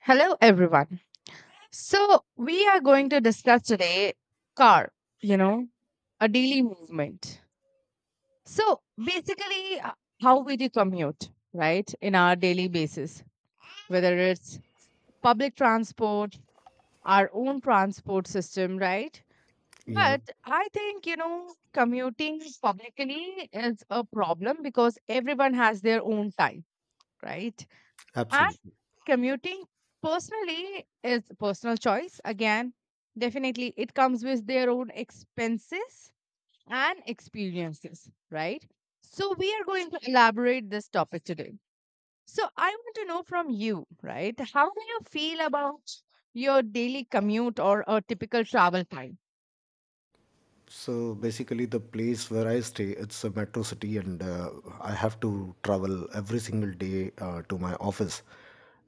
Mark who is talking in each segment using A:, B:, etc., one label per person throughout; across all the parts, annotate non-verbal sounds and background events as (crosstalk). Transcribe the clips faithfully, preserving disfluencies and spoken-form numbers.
A: Hello, everyone. So, we are going to discuss today car, you know, a daily movement. So, basically, uh, how we do commute, right, in our daily basis, whether it's public transport, our own transport system, right?
B: Yeah,
A: But I think, you know, commuting publicly is a problem because everyone has their own time, right? And
B: absolutely.
A: commuting personally is personal choice again. Definitely it comes with their own expenses and experiences, right? So we are going to elaborate this topic today. So I want to know from you, right, how do you feel about your daily commute or a typical travel time?
B: So basically, the place where I stay, it's a metro city, and uh, I have to travel every single day uh, to my office,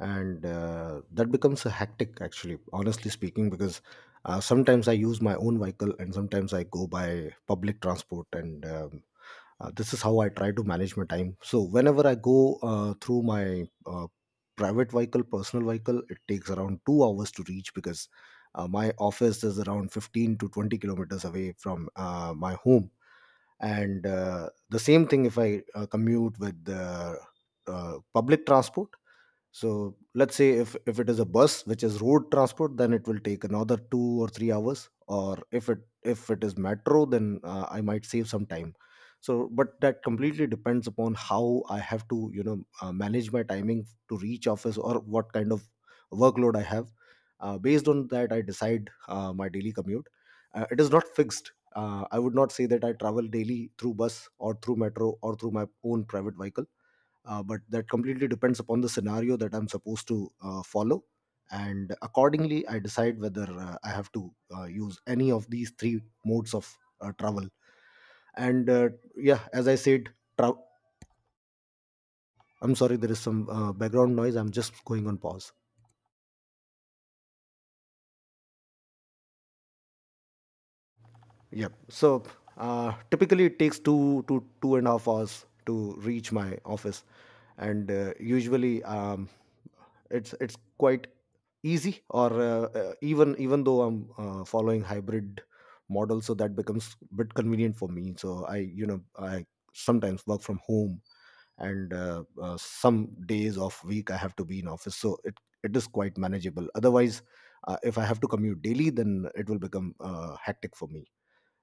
B: and uh, that becomes a hectic, actually, honestly speaking, because uh, sometimes I use my own vehicle, and sometimes I go by public transport, and um, uh, this is how I try to manage my time. So whenever I go uh, through my uh, private vehicle, personal vehicle, it takes around two hours to reach because Uh, my office is around fifteen to twenty kilometers away from uh, my home. And uh, the same thing if I uh, commute with the uh, public transport, so let's say if if it is a bus which is road transport, then it will take another two or three hours. Or if it if it is metro, then uh, I might save some time. So but that completely depends upon how I have to, you know, uh, manage my timing to reach office, or what kind of workload I have. Uh, based on that, I decide uh, my daily commute. Uh, it is not fixed. uh, I would not say that I travel daily through bus or through metro or through my own private vehicle. Uh, but that completely depends upon the scenario that I'm supposed to uh, follow, and accordingly I decide whether uh, I have to uh, use any of these three modes of uh, travel. And uh, yeah, as I said, tra- I'm sorry, there is some uh, background noise. I'm just going on pause. Yep. So uh, typically it takes two to two and a half hours to reach my office, and uh, usually um, it's it's quite easy. Or uh, uh, even even though I'm uh, following hybrid model, so that becomes a bit convenient for me. So I, you know, I sometimes work from home, and uh, uh, some days of week I have to be in office. So it it is quite manageable. Otherwise, uh, if I have to commute daily, then it will become uh, hectic for me.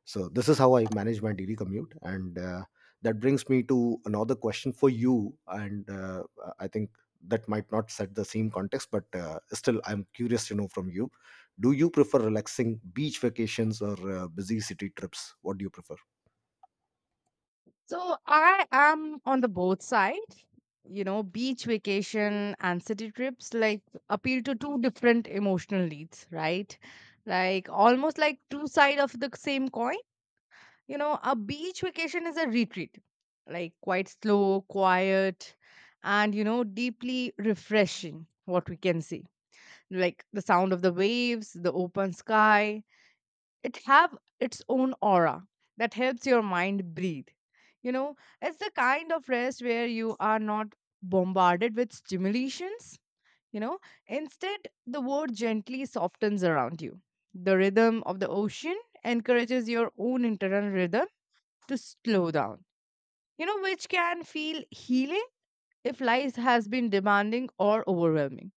B: So this is how I manage my daily commute, and uh, that brings me to another question for you. And uh, I think that might not set the same context, but uh, still, I'm curious to know from you. Do you prefer relaxing beach vacations or uh, busy city trips? What do you prefer?
A: So I am on the both side. You know, beach vacation and city trips like appeal to two different emotional needs, right? Like almost like two sides of the same coin. You know, a beach vacation is a retreat, like quite slow, quiet, and you know, deeply refreshing. What we can see, like the sound of the waves, the open sky, it have its own aura that helps your mind breathe, you know. It's the kind of rest where you are not bombarded with stimulations, you know. Instead, the world gently softens around you. The rhythm of the ocean encourages your own internal rhythm to slow down, you know, which can feel healing if life has been demanding or overwhelming.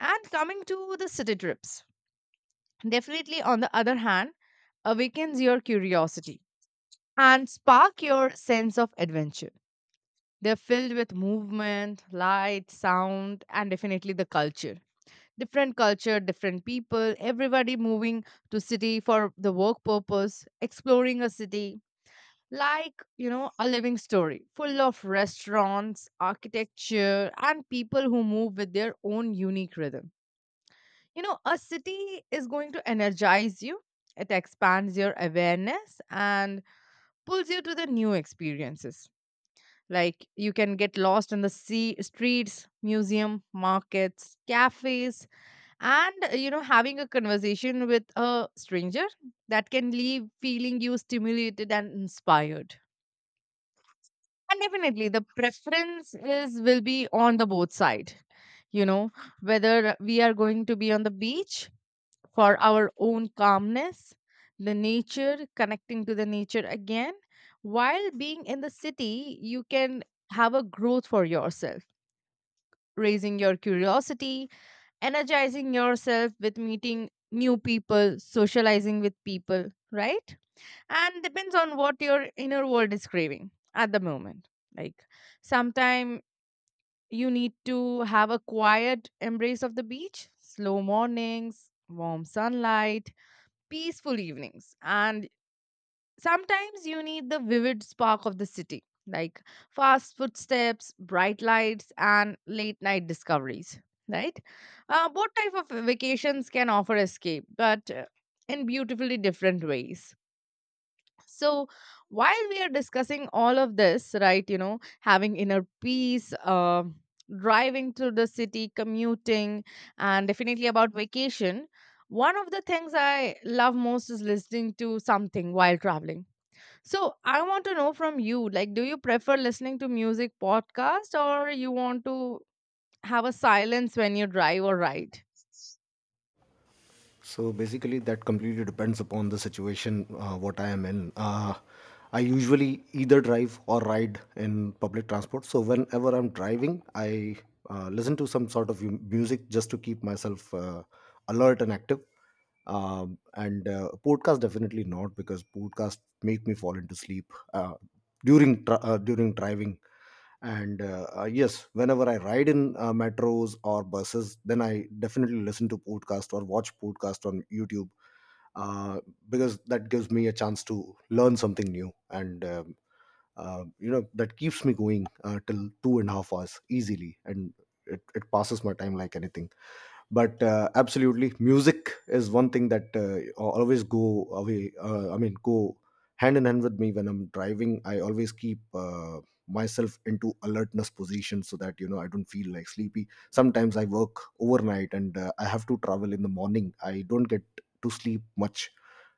A: And coming to the city trips, definitely on the other hand, awakens your curiosity and spark your sense of adventure. They're filled with movement, light, sound, and definitely the culture. Different culture, different people, everybody moving to city for the work purpose, exploring a city like, you know, a living story full of restaurants, architecture, and people who move with their own unique rhythm. You know, a city is going to energize you. It expands your awareness and pulls you to the new experiences. Like you can get lost in the sea, streets, museum, markets, cafes, and uh, you know, having a conversation with a stranger that can leave feeling you stimulated and inspired. And definitely, the preference is will be on the both side. You know, whether we are going to be on the beach for our own calmness, the nature, connecting to the nature again, while being in the city, you can have a growth for yourself, raising your curiosity, energizing yourself with meeting new people, socializing with people, right? And depends on what your inner world is craving at the moment. Like sometime you need to have a quiet embrace of the beach, slow mornings, warm sunlight, peaceful evenings, and sometimes you need the vivid spark of the city, like fast footsteps, bright lights, and late night discoveries, right? Uh, both type of vacations can offer escape, but uh, in beautifully different ways. So while we are discussing all of this, right, you know, having inner peace, uh, driving through the city, commuting, and definitely about vacation, one of the things I love most is listening to something while traveling. So I want to know from you, like, do you prefer listening to music podcast or you want to have a silence when you drive or ride?
B: So basically, that completely depends upon the situation uh, what I am in. Uh, I usually either drive or ride in public transport. So whenever I'm driving, I uh, listen to some sort of mu- music just to keep myself uh, alert and active. Um, and uh, podcast definitely not, because podcast make me fall into sleep uh, during tra- uh, during driving. And uh, uh, yes, whenever I ride in uh, metros or buses, then I definitely listen to podcast or watch podcast on YouTube, uh, because that gives me a chance to learn something new, and um, uh, you know, that keeps me going uh, till two and a half hours easily, and it, it passes my time like anything. But uh, absolutely, music is one thing that uh, always go away, uh, I mean, go hand in hand with me. When I'm driving, I always keep uh, myself into alertness position, so that, you know, I don't feel like sleepy. Sometimes I work overnight and uh, I have to travel in the morning, I don't get to sleep much.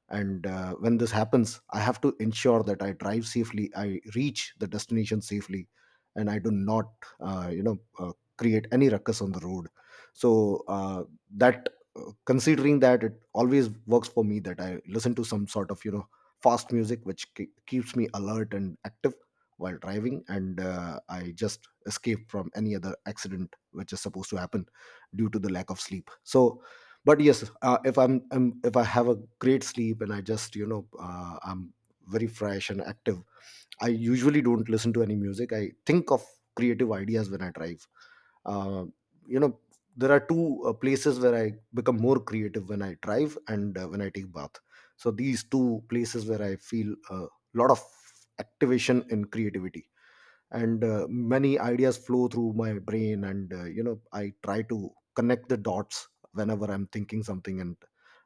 B: And uh, when this happens, I have to ensure that I drive safely, I reach the destination safely, and I do not, uh, you know uh, create any ruckus on the road. So uh, that uh, considering that, it always works for me that I listen to some sort of, you know, fast music which ke- keeps me alert and active while driving, and uh, I just escape from any other accident which is supposed to happen due to the lack of sleep. So but yes, uh, if I'm, I'm if I have a great sleep and I just, you know, uh, I'm very fresh and active, I usually don't listen to any music. I think of creative ideas when I drive. uh, you know, there are two uh, places where I become more creative: when I drive, and uh, when I take bath. So these two places where I feel a lot of activation in creativity, and uh, many ideas flow through my brain, and uh, you know, I try to connect the dots whenever I'm thinking something, and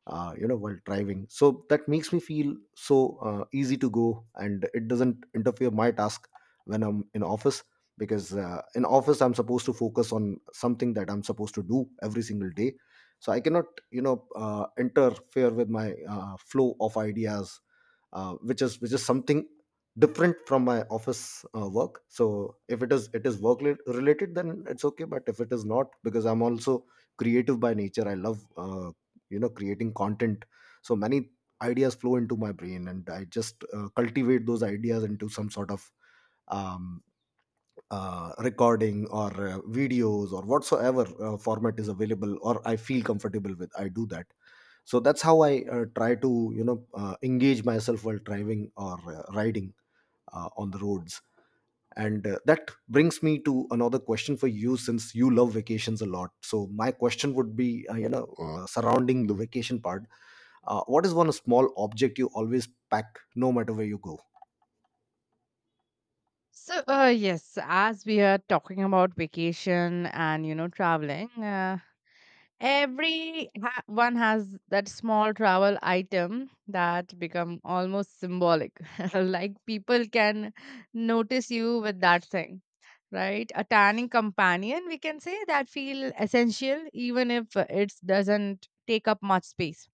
B: uh, you know, while driving. So that makes me feel so uh, easy to go, and it doesn't interfere my task when I'm in office, because uh, in office I'm supposed to focus on something that I'm supposed to do every single day. So I cannot, you know, uh, interfere with my uh, flow of ideas, uh, which is which is something different from my office uh, work. So if it is it is work rela- related, then it's okay. But if it is not, because I'm also creative by nature, I love uh, you know, creating content. So many ideas flow into my brain, and I just uh, cultivate those ideas into some sort of um, uh, recording or uh, videos or whatsoever uh, format is available or I feel comfortable with, I do that. So that's how I uh, try to, you know, uh, engage myself while driving or uh, riding uh, on the roads. And uh, that brings me to another question for you. Since you love vacations a lot, so my question would be, uh, you know, uh, surrounding the vacation part, uh, what is one small object you always pack no matter where you go?
A: So, uh, yes, as we are talking about vacation and you know traveling, uh, every ha- one has that small travel item that become almost symbolic. (laughs) Like people can notice you with that thing, right? A tanning companion, we can say, that feel essential even if it doesn't take up much space.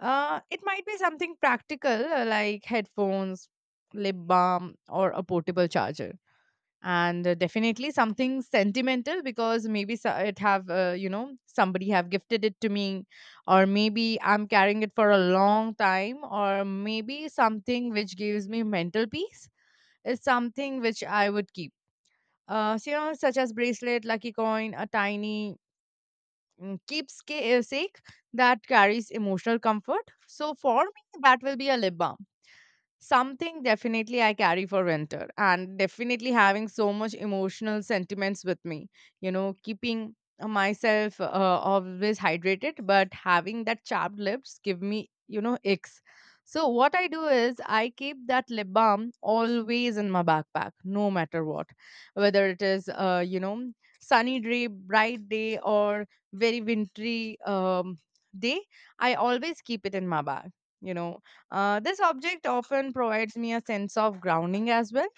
A: Uh, it might be something practical uh, like headphones, lip balm, or a portable charger, and uh, definitely something sentimental because maybe so- it have uh, you know, somebody have gifted it to me, or maybe I'm carrying it for a long time, or maybe something which gives me mental peace is something which I would keep. Uh so, you know, such as bracelet, lucky coin, a tiny mm, keepsake that carries emotional comfort. So for me that will be a lip balm. Something definitely I carry for winter, and definitely having so much emotional sentiments with me. You know, keeping uh, myself uh, always hydrated, but having that chapped lips give me, you know, icks. So what I do is I keep that lip balm always in my backpack, no matter what, whether it is, uh, you know, sunny day, bright day, or very wintry um, day. I always keep it in my bag. You know, uh, this object often provides me a sense of grounding as well.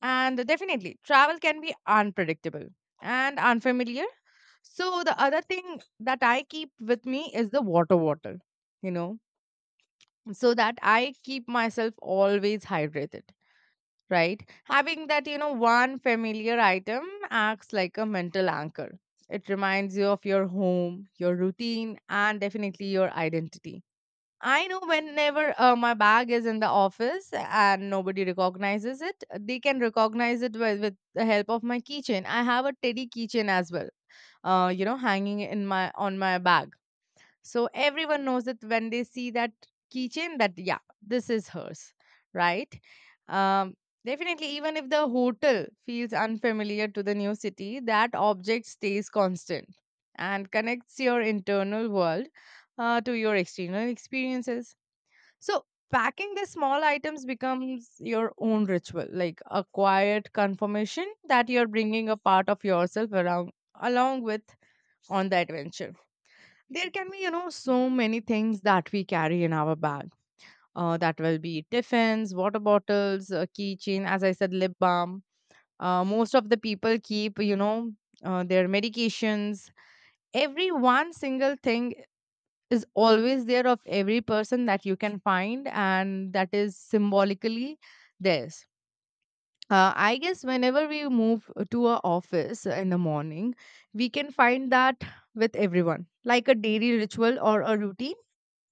A: And definitely, travel can be unpredictable and unfamiliar. So the other thing that I keep with me is the water bottle, you know, so that I keep myself always hydrated, right? Having that, you know, one familiar item acts like a mental anchor. It reminds you of your home, your routine, and definitely your identity. I know whenever uh, my bag is in the office and nobody recognizes it, they can recognize it with, with the help of my keychain. I have a teddy keychain as well, uh, you know, hanging in my on my bag. So everyone knows that when they see that keychain, that yeah, this is hers, right? Um, definitely, even if the hotel feels unfamiliar to the new city, that object stays constant and connects your internal world uh, to your external experiences. So packing the small items becomes your own ritual, like a quiet confirmation that you're bringing a part of yourself around along with on the adventure. There can be, you know, so many things that we carry in our bag. Uh, that will be tiffins, water bottles, a keychain, as I said, lip balm. Uh, most of the people keep, you know, uh, their medications. Every one single thing is always there of every person that you can find, and that is symbolically theirs. uh, I guess whenever we move to our office in the morning, we can find that with everyone, like a daily ritual or a routine.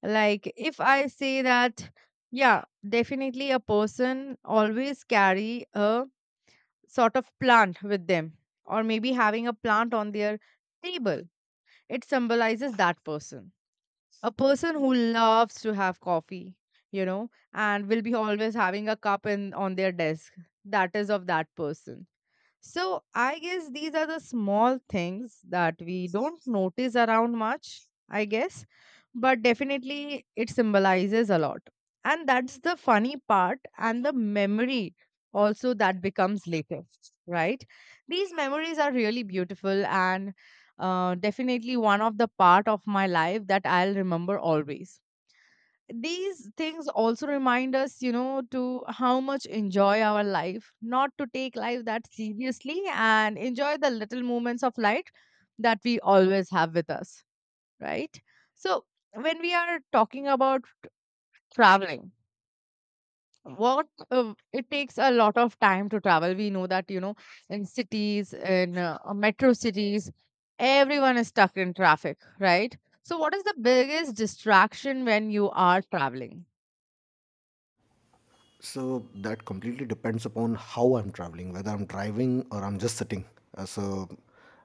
A: Like if I say that, yeah, definitely a person always carry a sort of plant with them, or maybe having a plant on their table, it symbolizes that person. A person who loves to have coffee, you know, and will be always having a cup in on their desk, that is of that person. So I guess these are the small things that we don't notice around much, I guess, but definitely it symbolizes a lot. And that's the funny part and the memory also that becomes later, right? These memories are really beautiful and uh, definitely one of the part of my life that I'll remember always. These things also remind us, you know, to how much enjoy our life, not to take life that seriously and enjoy the little moments of light that we always have with us, right? So when we are talking about traveling, what uh, it takes a lot of time to travel, we know that, you know, in cities, in uh, uh, metro cities, everyone is stuck in traffic, right? So what is the biggest distraction when you are traveling?
B: So that completely depends upon how I'm traveling, whether I'm driving or I'm just sitting. Uh, so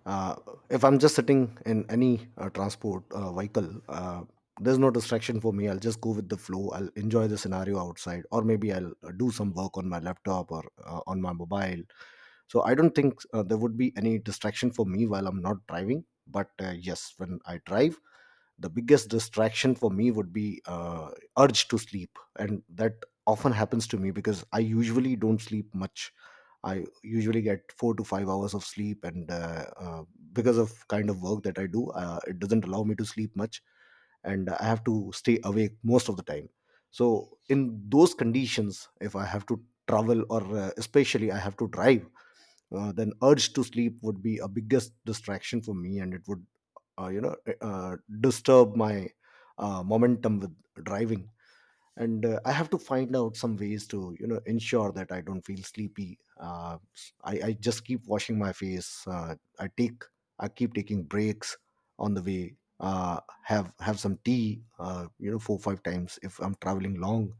B: uh, if I'm just sitting in any uh, transport uh, vehicle, uh, there's no distraction for me. I'll just go with the flow. I'll enjoy the scenario outside, or maybe I'll uh, do some work on my laptop or uh, on my mobile. So I don't think uh, there would be any distraction for me while I'm not driving. But uh, yes, when I drive, the biggest distraction for me would be uh, urge to sleep, and that often happens to me because I usually don't sleep much. I usually get four to five hours of sleep, and uh, uh, because of kind of work that I do, uh, it doesn't allow me to sleep much, and I have to stay awake most of the time. So in those conditions, if I have to travel, or uh, especially I have to drive, uh, then urge to sleep would be a biggest distraction for me, and it would uh, you know uh, uh, disturb my uh, momentum with driving. And uh, I have to find out some ways to, you know, ensure that I don't feel sleepy. Uh, I, I just keep washing my face. uh, i take I keep taking breaks on the way. uh, have have some tea, uh, you know, four five times if I'm traveling long.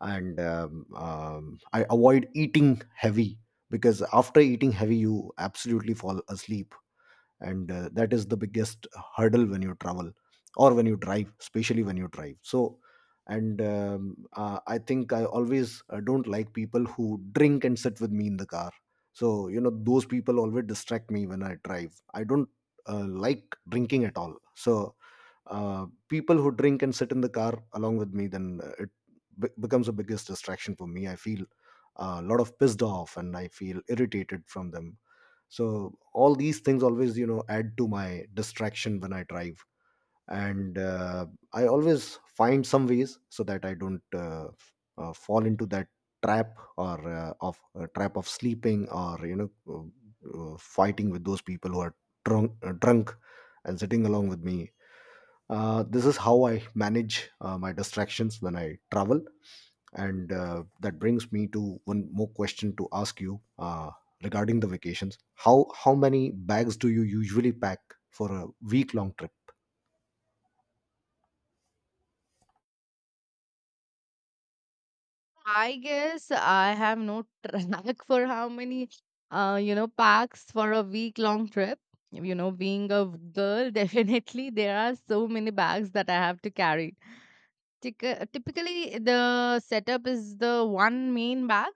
B: And um, um, I avoid eating heavy, because after eating heavy you absolutely fall asleep, and uh, that is the biggest hurdle when you travel or when you drive, especially when you drive. So and um, uh, I think I always uh, don't like people who drink and sit with me in the car. So, you know, those people always distract me when I drive. I don't uh, like drinking at all. So uh, people who drink and sit in the car along with me, then uh, it be- becomes the biggest distraction for me. I feel uh, a lot of pissed off, and I feel irritated from them. So all these things always, you know, add to my distraction when I drive. And uh, I always find some ways so that I don't uh, f- uh, fall into that trap, or uh, of uh, trap of sleeping, or you know, uh, uh, fighting with those people who are drunk, uh, drunk and sitting along with me. Uh, this is how I manage uh, my distractions when I travel. And uh, that brings me to one more question to ask you uh, regarding the vacations. How, how many bags do you usually pack for a week long trip?
A: I guess I have no track (laughs) for how many, uh, you know, packs for a week long trip. You know, being a girl, (laughs) definitely there are so many bags that I have to carry. Tyc- Typically, the setup is the one main bag,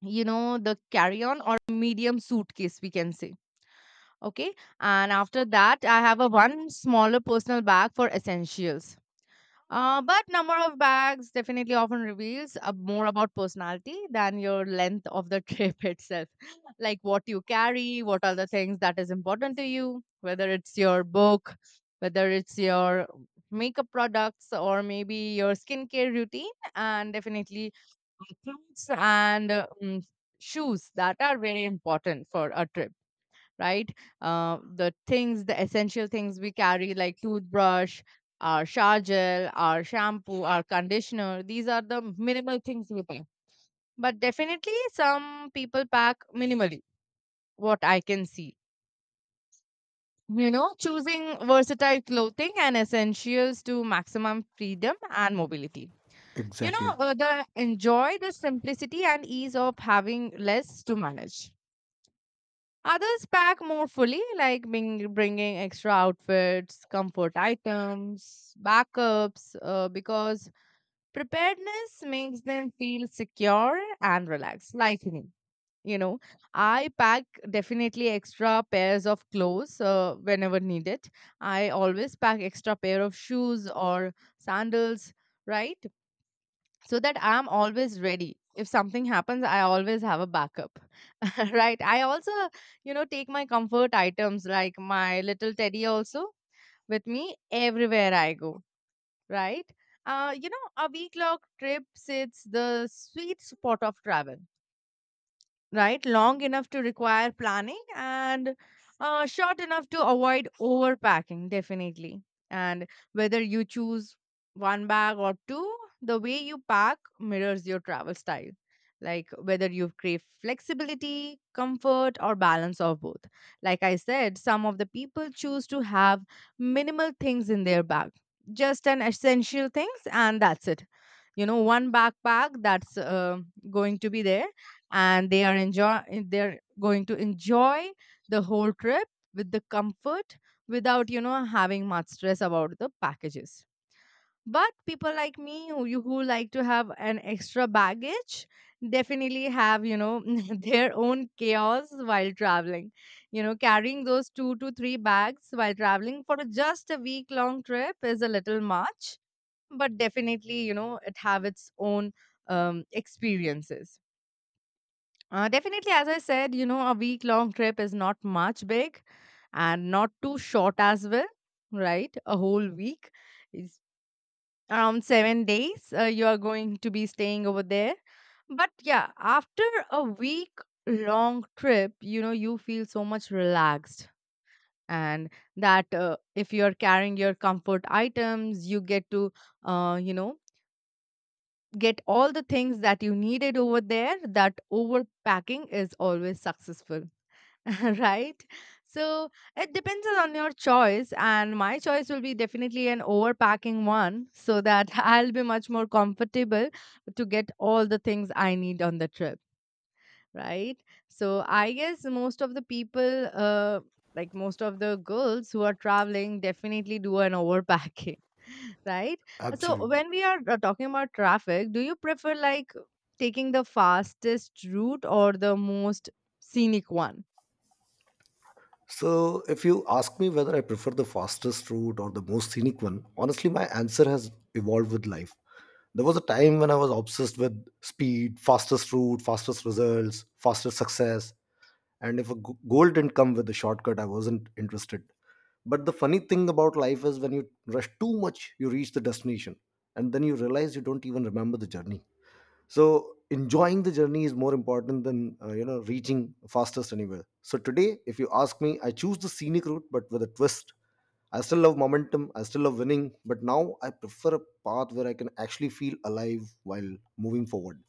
A: you know, the carry on or medium suitcase, we can say. Okay. And after that, I have a one smaller personal bag for essentials, uh, but number of bags definitely often reveals uh, more about personality than your length of the trip (laughs) itself. Like what you carry, what are the things that is important to you, whether it's your book, whether it's your makeup products, or maybe your skincare routine, and definitely clothes and uh, mm, shoes that are very important for a trip, right? Uh, the things, the essential things we carry, like toothbrush, our shower gel, our shampoo, our conditioner, these are the minimal things we pack. But definitely, some people pack minimally, what I can see. You know, choosing versatile clothing and essentials to maximum freedom and mobility. You know,
B: Exactly.
A: uh, the enjoy the simplicity and ease of having less to manage. Others pack more fully, like being, bringing extra outfits, comfort items, backups, uh, because preparedness makes them feel secure and relaxed, like me. You know, I pack definitely extra pairs of clothes uh, whenever needed. I always pack extra pair of shoes or sandals, right? So that I'm always ready. If something happens, I always have a backup. (laughs) Right, I also, you know, take my comfort items like my little teddy also with me everywhere I go, right? Uh you know, a week long trip sits the sweet spot of travel, right? Long enough to require planning and uh, short enough to avoid overpacking, definitely. And whether you choose one bag or two, the way you pack mirrors your travel style. Like whether you crave flexibility, comfort, or balance of both. Like I said, some of the people choose to have minimal things in their bag, just an essential things, and that's it you know One backpack that's uh, going to be there, and they are enjoy they're going to enjoy the whole trip with the comfort without you know having much stress about the packages. But people like me who you who like to have an extra baggage definitely have, you know (laughs) their own chaos while traveling. You know, carrying those two to three bags while traveling for just a week long trip is a little much, but definitely, you know, it have its own um, experiences. Uh, definitely, as I said, you know, a week long trip is not much big and not too short as well, right? A whole week is around seven days, uh, you are going to be staying over there. But yeah, after a week long trip, you know, you feel so much relaxed. And that, uh, if you are carrying your comfort items, you get to, uh, you know get all the things that you needed over there, that overpacking is always successful. (laughs) Right, so it depends on your choice, and my choice will be definitely an overpacking one, so that (laughs) I'll be much more comfortable to get all the things I need on the trip, right? So I guess most of the people, uh, like most of the girls who are traveling, definitely do an overpacking, (laughs) right? So
B: Absolutely.
A: when we are uh, talking about traffic, do you prefer like taking the fastest route or the most scenic one?
B: So, if you ask me whether I prefer the fastest route or the most scenic one, honestly, my answer has evolved with life. There was a time when I was obsessed with speed, fastest route, fastest results, fastest success. And if a g- goal didn't come with a shortcut, I wasn't interested. But the funny thing about life is when you rush too much, you reach the destination and then you realize you don't even remember the journey. So enjoying the journey is more important than uh, you know reaching fastest anywhere. So today if you ask me, I choose the scenic route, but with a twist. I still love momentum, I still love winning, but now I prefer a path where I can actually feel alive while moving forward.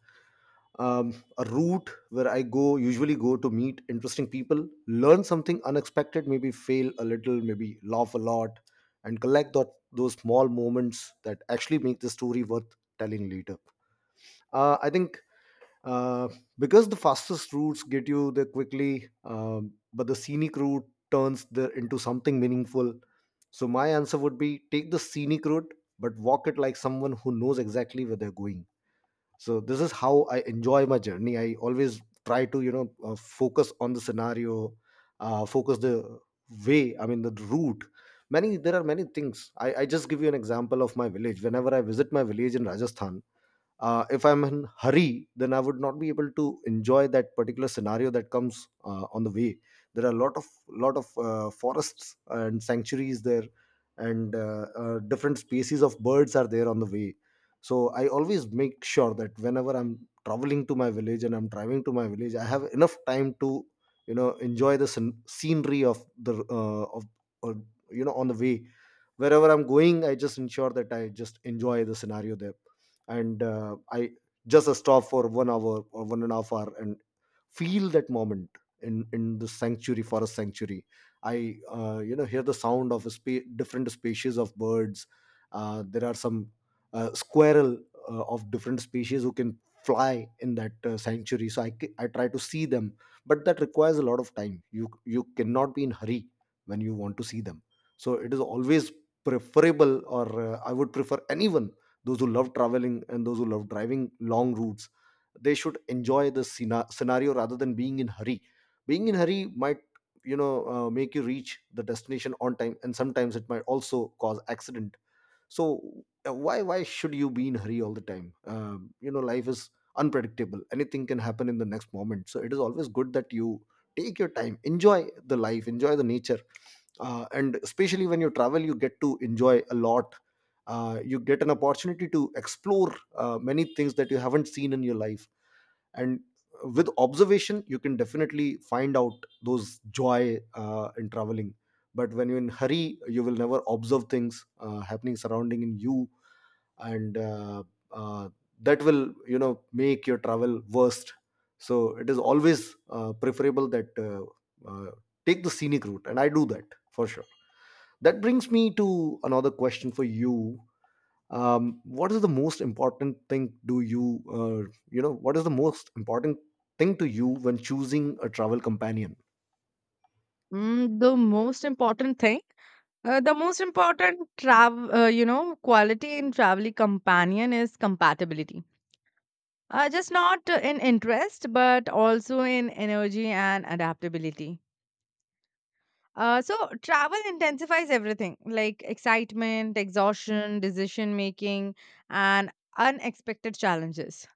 B: um, A route where I go usually go to meet interesting people, learn something unexpected, maybe fail a little, maybe laugh a lot, and collect that, those small moments that actually make the story worth telling later. Uh, I think uh, because the fastest routes get you there quickly, um, but the scenic route turns there into something meaningful. So my answer would be, take the scenic route, but walk it like someone who knows exactly where they're going. So this is how I enjoy my journey. I always try to you know uh, focus on the scenario, uh, focus the way, I mean the route. Many There are many things. I, I just give you an example of my village. Whenever I visit my village in Rajasthan, uh, if I'm in hurry, then I would not be able to enjoy that particular scenario that comes uh, on the way. There are a lot of lot of uh, forests and sanctuaries there, and uh, uh, different species of birds are there on the way. So I always make sure that whenever I'm traveling to my village and I'm driving to my village, I have enough time to, you know, enjoy the scen- scenery of the uh, of or, you know, on the way. Wherever I'm going, I just ensure that I just enjoy the scenario there. And uh, I just stop for one hour or one and a half hour and feel that moment in in the sanctuary, forest sanctuary. I, uh, you know hear the sound of spe- different species of birds. Uh, there are some uh, squirrel uh, of different species who can fly in that uh, sanctuary. So I ca- I try to see them, but that requires a lot of time. You you cannot be in hurry when you want to see them. So it is always preferable, or uh, I would prefer anyone, those who love traveling and those who love driving long routes, they should enjoy the scena- scenario rather than being in hurry. Being in hurry might, you know uh, make you reach the destination on time, and sometimes it might also cause accident. So uh, why why should you be in hurry all the time? Um, you know, life is unpredictable, anything can happen in the next moment, so it is always good that you take your time, enjoy the life, enjoy the nature. Uh, and especially when you travel, you get to enjoy a lot. Uh, you get an opportunity to explore uh, many things that you haven't seen in your life. And with observation, you can definitely find out those joy uh, in traveling. But when you're in hurry, you will never observe things uh, happening surrounding in you. And uh, uh, that will, you know, make your travel worst. So it is always uh, preferable that uh, uh, take the scenic route, and I do that for sure. That brings me to another question for you. Um, what is the most important thing, do you uh, you know what is the most important thing to you when choosing a travel companion?
A: Mm, the most important thing, uh, the most important travel, uh, you know, quality in traveling companion is compatibility. Uh, just not uh, in interest, but also in energy and adaptability. Uh, so travel intensifies everything like excitement, exhaustion, decision making, and unexpected challenges.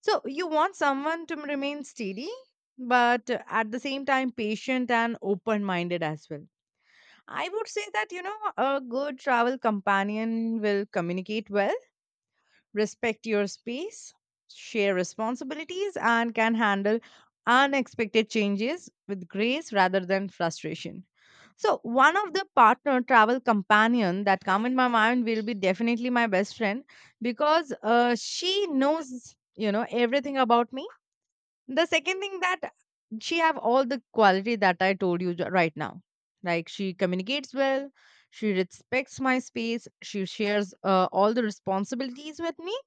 A: So you want someone to remain steady, but uh, at the same time patient and open minded as well. I would say that you know a good travel companion will communicate well, respect your space, share responsibilities, and can handle unexpected changes with grace rather than frustration. So, one of the partner travel companion that come in my mind will be definitely my best friend, because uh, she knows, you know, everything about me. The second thing that she have all the quality that I told you ju- right now. Like she communicates well, she respects my space, she shares uh, all the responsibilities with me,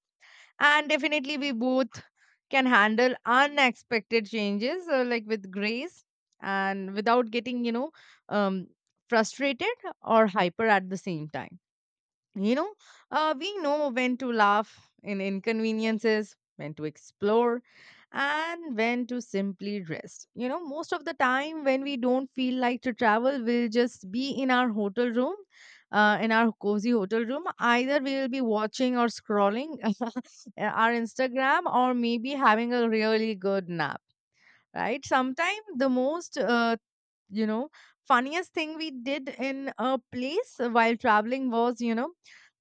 A: and definitely, we both can handle unexpected changes uh, like with grace and without getting, you know, um, frustrated or hyper at the same time. You know, uh, we know when to laugh in inconveniences, when to explore, and when to simply rest. You know, most of the time when we don't feel like to travel, we'll just be in our hotel room, uh, in our cozy hotel room. Either we'll be watching or scrolling (laughs) our Instagram, or maybe having a really good nap. Right. Sometimes the most uh, you know funniest thing we did in a place while traveling was, you know,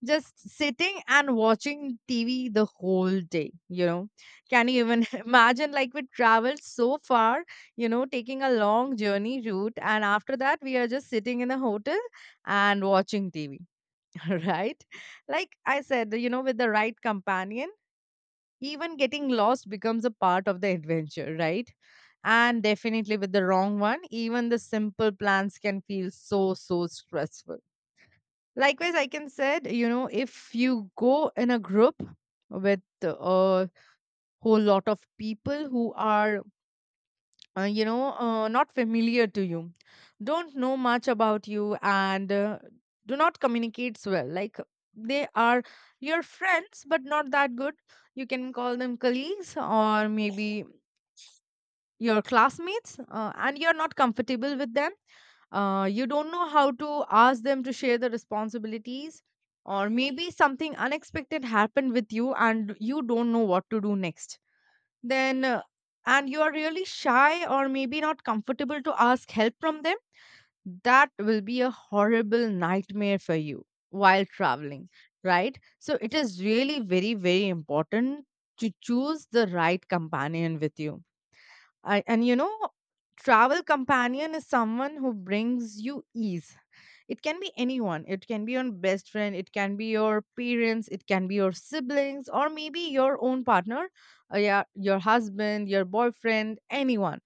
A: just sitting and watching tv the whole day. You know, can you even (laughs) imagine, like we traveled so far, you know, taking a long journey route, and after that we are just sitting in a hotel and watching tv. (laughs) Right, like I said, you know, with the right companion, even getting lost becomes a part of the adventure, right? And definitely with the wrong one, even the simple plans can feel so, so stressful. Likewise, I can said, you know, if you go in a group with a whole lot of people who are uh, you know, uh, not familiar to you, don't know much about you, and uh, do not communicate well. Like they are your friends, but not that good. You can call them colleagues, or maybe your classmates, uh, and you're not comfortable with them. Uh, you don't know how to ask them to share the responsibilities, or maybe something unexpected happened with you, and you don't know what to do next. Then uh, and you are really shy or maybe not comfortable to ask help from them, that will be a horrible nightmare for you while traveling, right? So it is really very very important to choose the right companion with you. I, and you know, travel companion is someone who brings you ease. It can be anyone. It can be your best friend, it can be your parents, it can be your siblings, or maybe your own partner, uh, yeah, your husband, your boyfriend, anyone,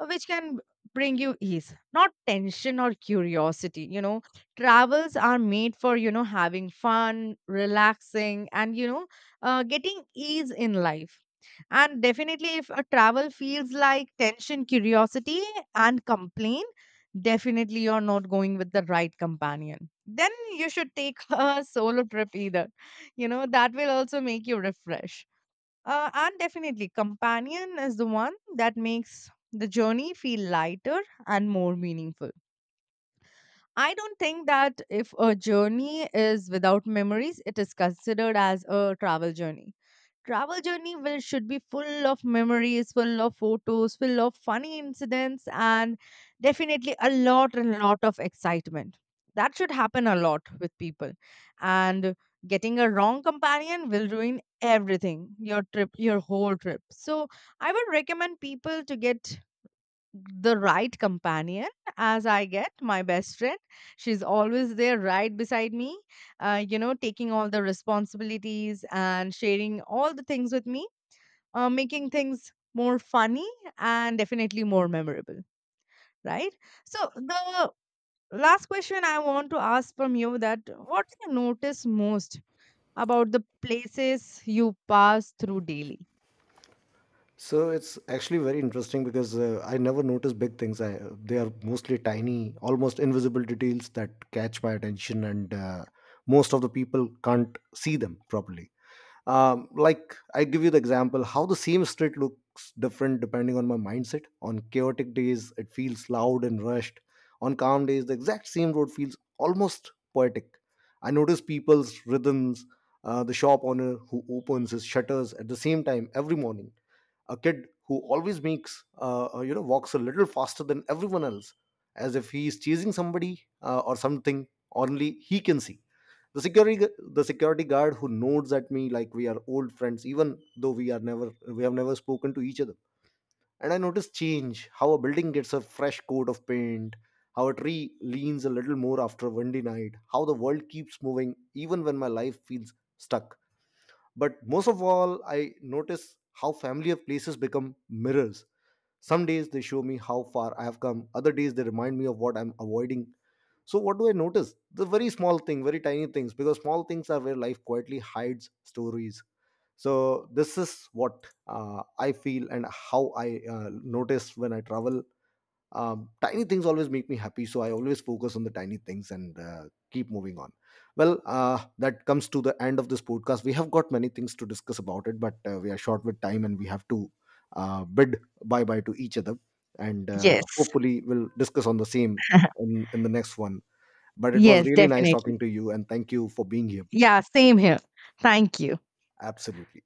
A: uh, which can bring you ease, not tension or curiosity. You know, travels are made for, you know, having fun, relaxing, and, you know, uh, getting ease in life. And definitely, if a travel feels like tension, curiosity, and complaint, definitely you're not going with the right companion. Then you should take (laughs) a solo trip either. You know, that will also make you refresh. Uh, and definitely, companion is the one that makes the journey feel lighter and more meaningful. I don't think that if a journey is without memories, it is considered as a travel journey. Travel journey will should be full of memories, full of photos, full of funny incidents, and definitely a lot and lot of excitement that should happen a lot with people. And getting a wrong companion will ruin everything, your trip, your whole trip. So I would recommend people to get the right companion, as I get my best friend. She's always there right beside me, uh, you know, taking all the responsibilities and sharing all the things with me, uh, making things more funny and definitely more memorable, right? So, the last question I want to ask from you, that what do you notice most about the places you pass through daily?
B: So it's actually very interesting, because uh, I never notice big things. I, they are mostly tiny, almost invisible details that catch my attention, and uh, most of the people can't see them properly. Um, like, I give you the example, how the same street looks different depending on my mindset. On chaotic days, it feels loud and rushed. On calm days, the exact same road feels almost poetic. I notice people's rhythms, uh, the shop owner who opens his shutters at the same time every morning, a kid who always makes uh, uh, you know walks a little faster than everyone else, as if he is chasing somebody uh, or something only he can see, the security gu- the security guard who nods at me like we are old friends, even though we are never we have never spoken to each other. And I notice change, how a building gets a fresh coat of paint, how a tree leans a little more after a windy night, how the world keeps moving even when my life feels stuck. But most of all, I notice how familiar places become mirrors. Some days they show me how far I have come. Other days they remind me of what I'm avoiding. So what do I notice? The very small thing, very tiny things, because small things are where life quietly hides stories. So this is what uh, I feel, and how I uh, notice when I travel. Um, tiny things always make me happy, so I always focus on the tiny things and uh, keep moving on. Well, uh, that comes to the end of this podcast. We have got many things to discuss about it, but uh, we are short with time and we have to uh, bid bye bye to each other. And uh,
A: Yes.
B: hopefully, we'll discuss on the same
A: (laughs)
B: in, in the next one. But it was
A: Yes,
B: really nice talking
A: definitely.
B: to you, and thank you for being here.
A: Yeah, same here. Thank you.
B: Absolutely.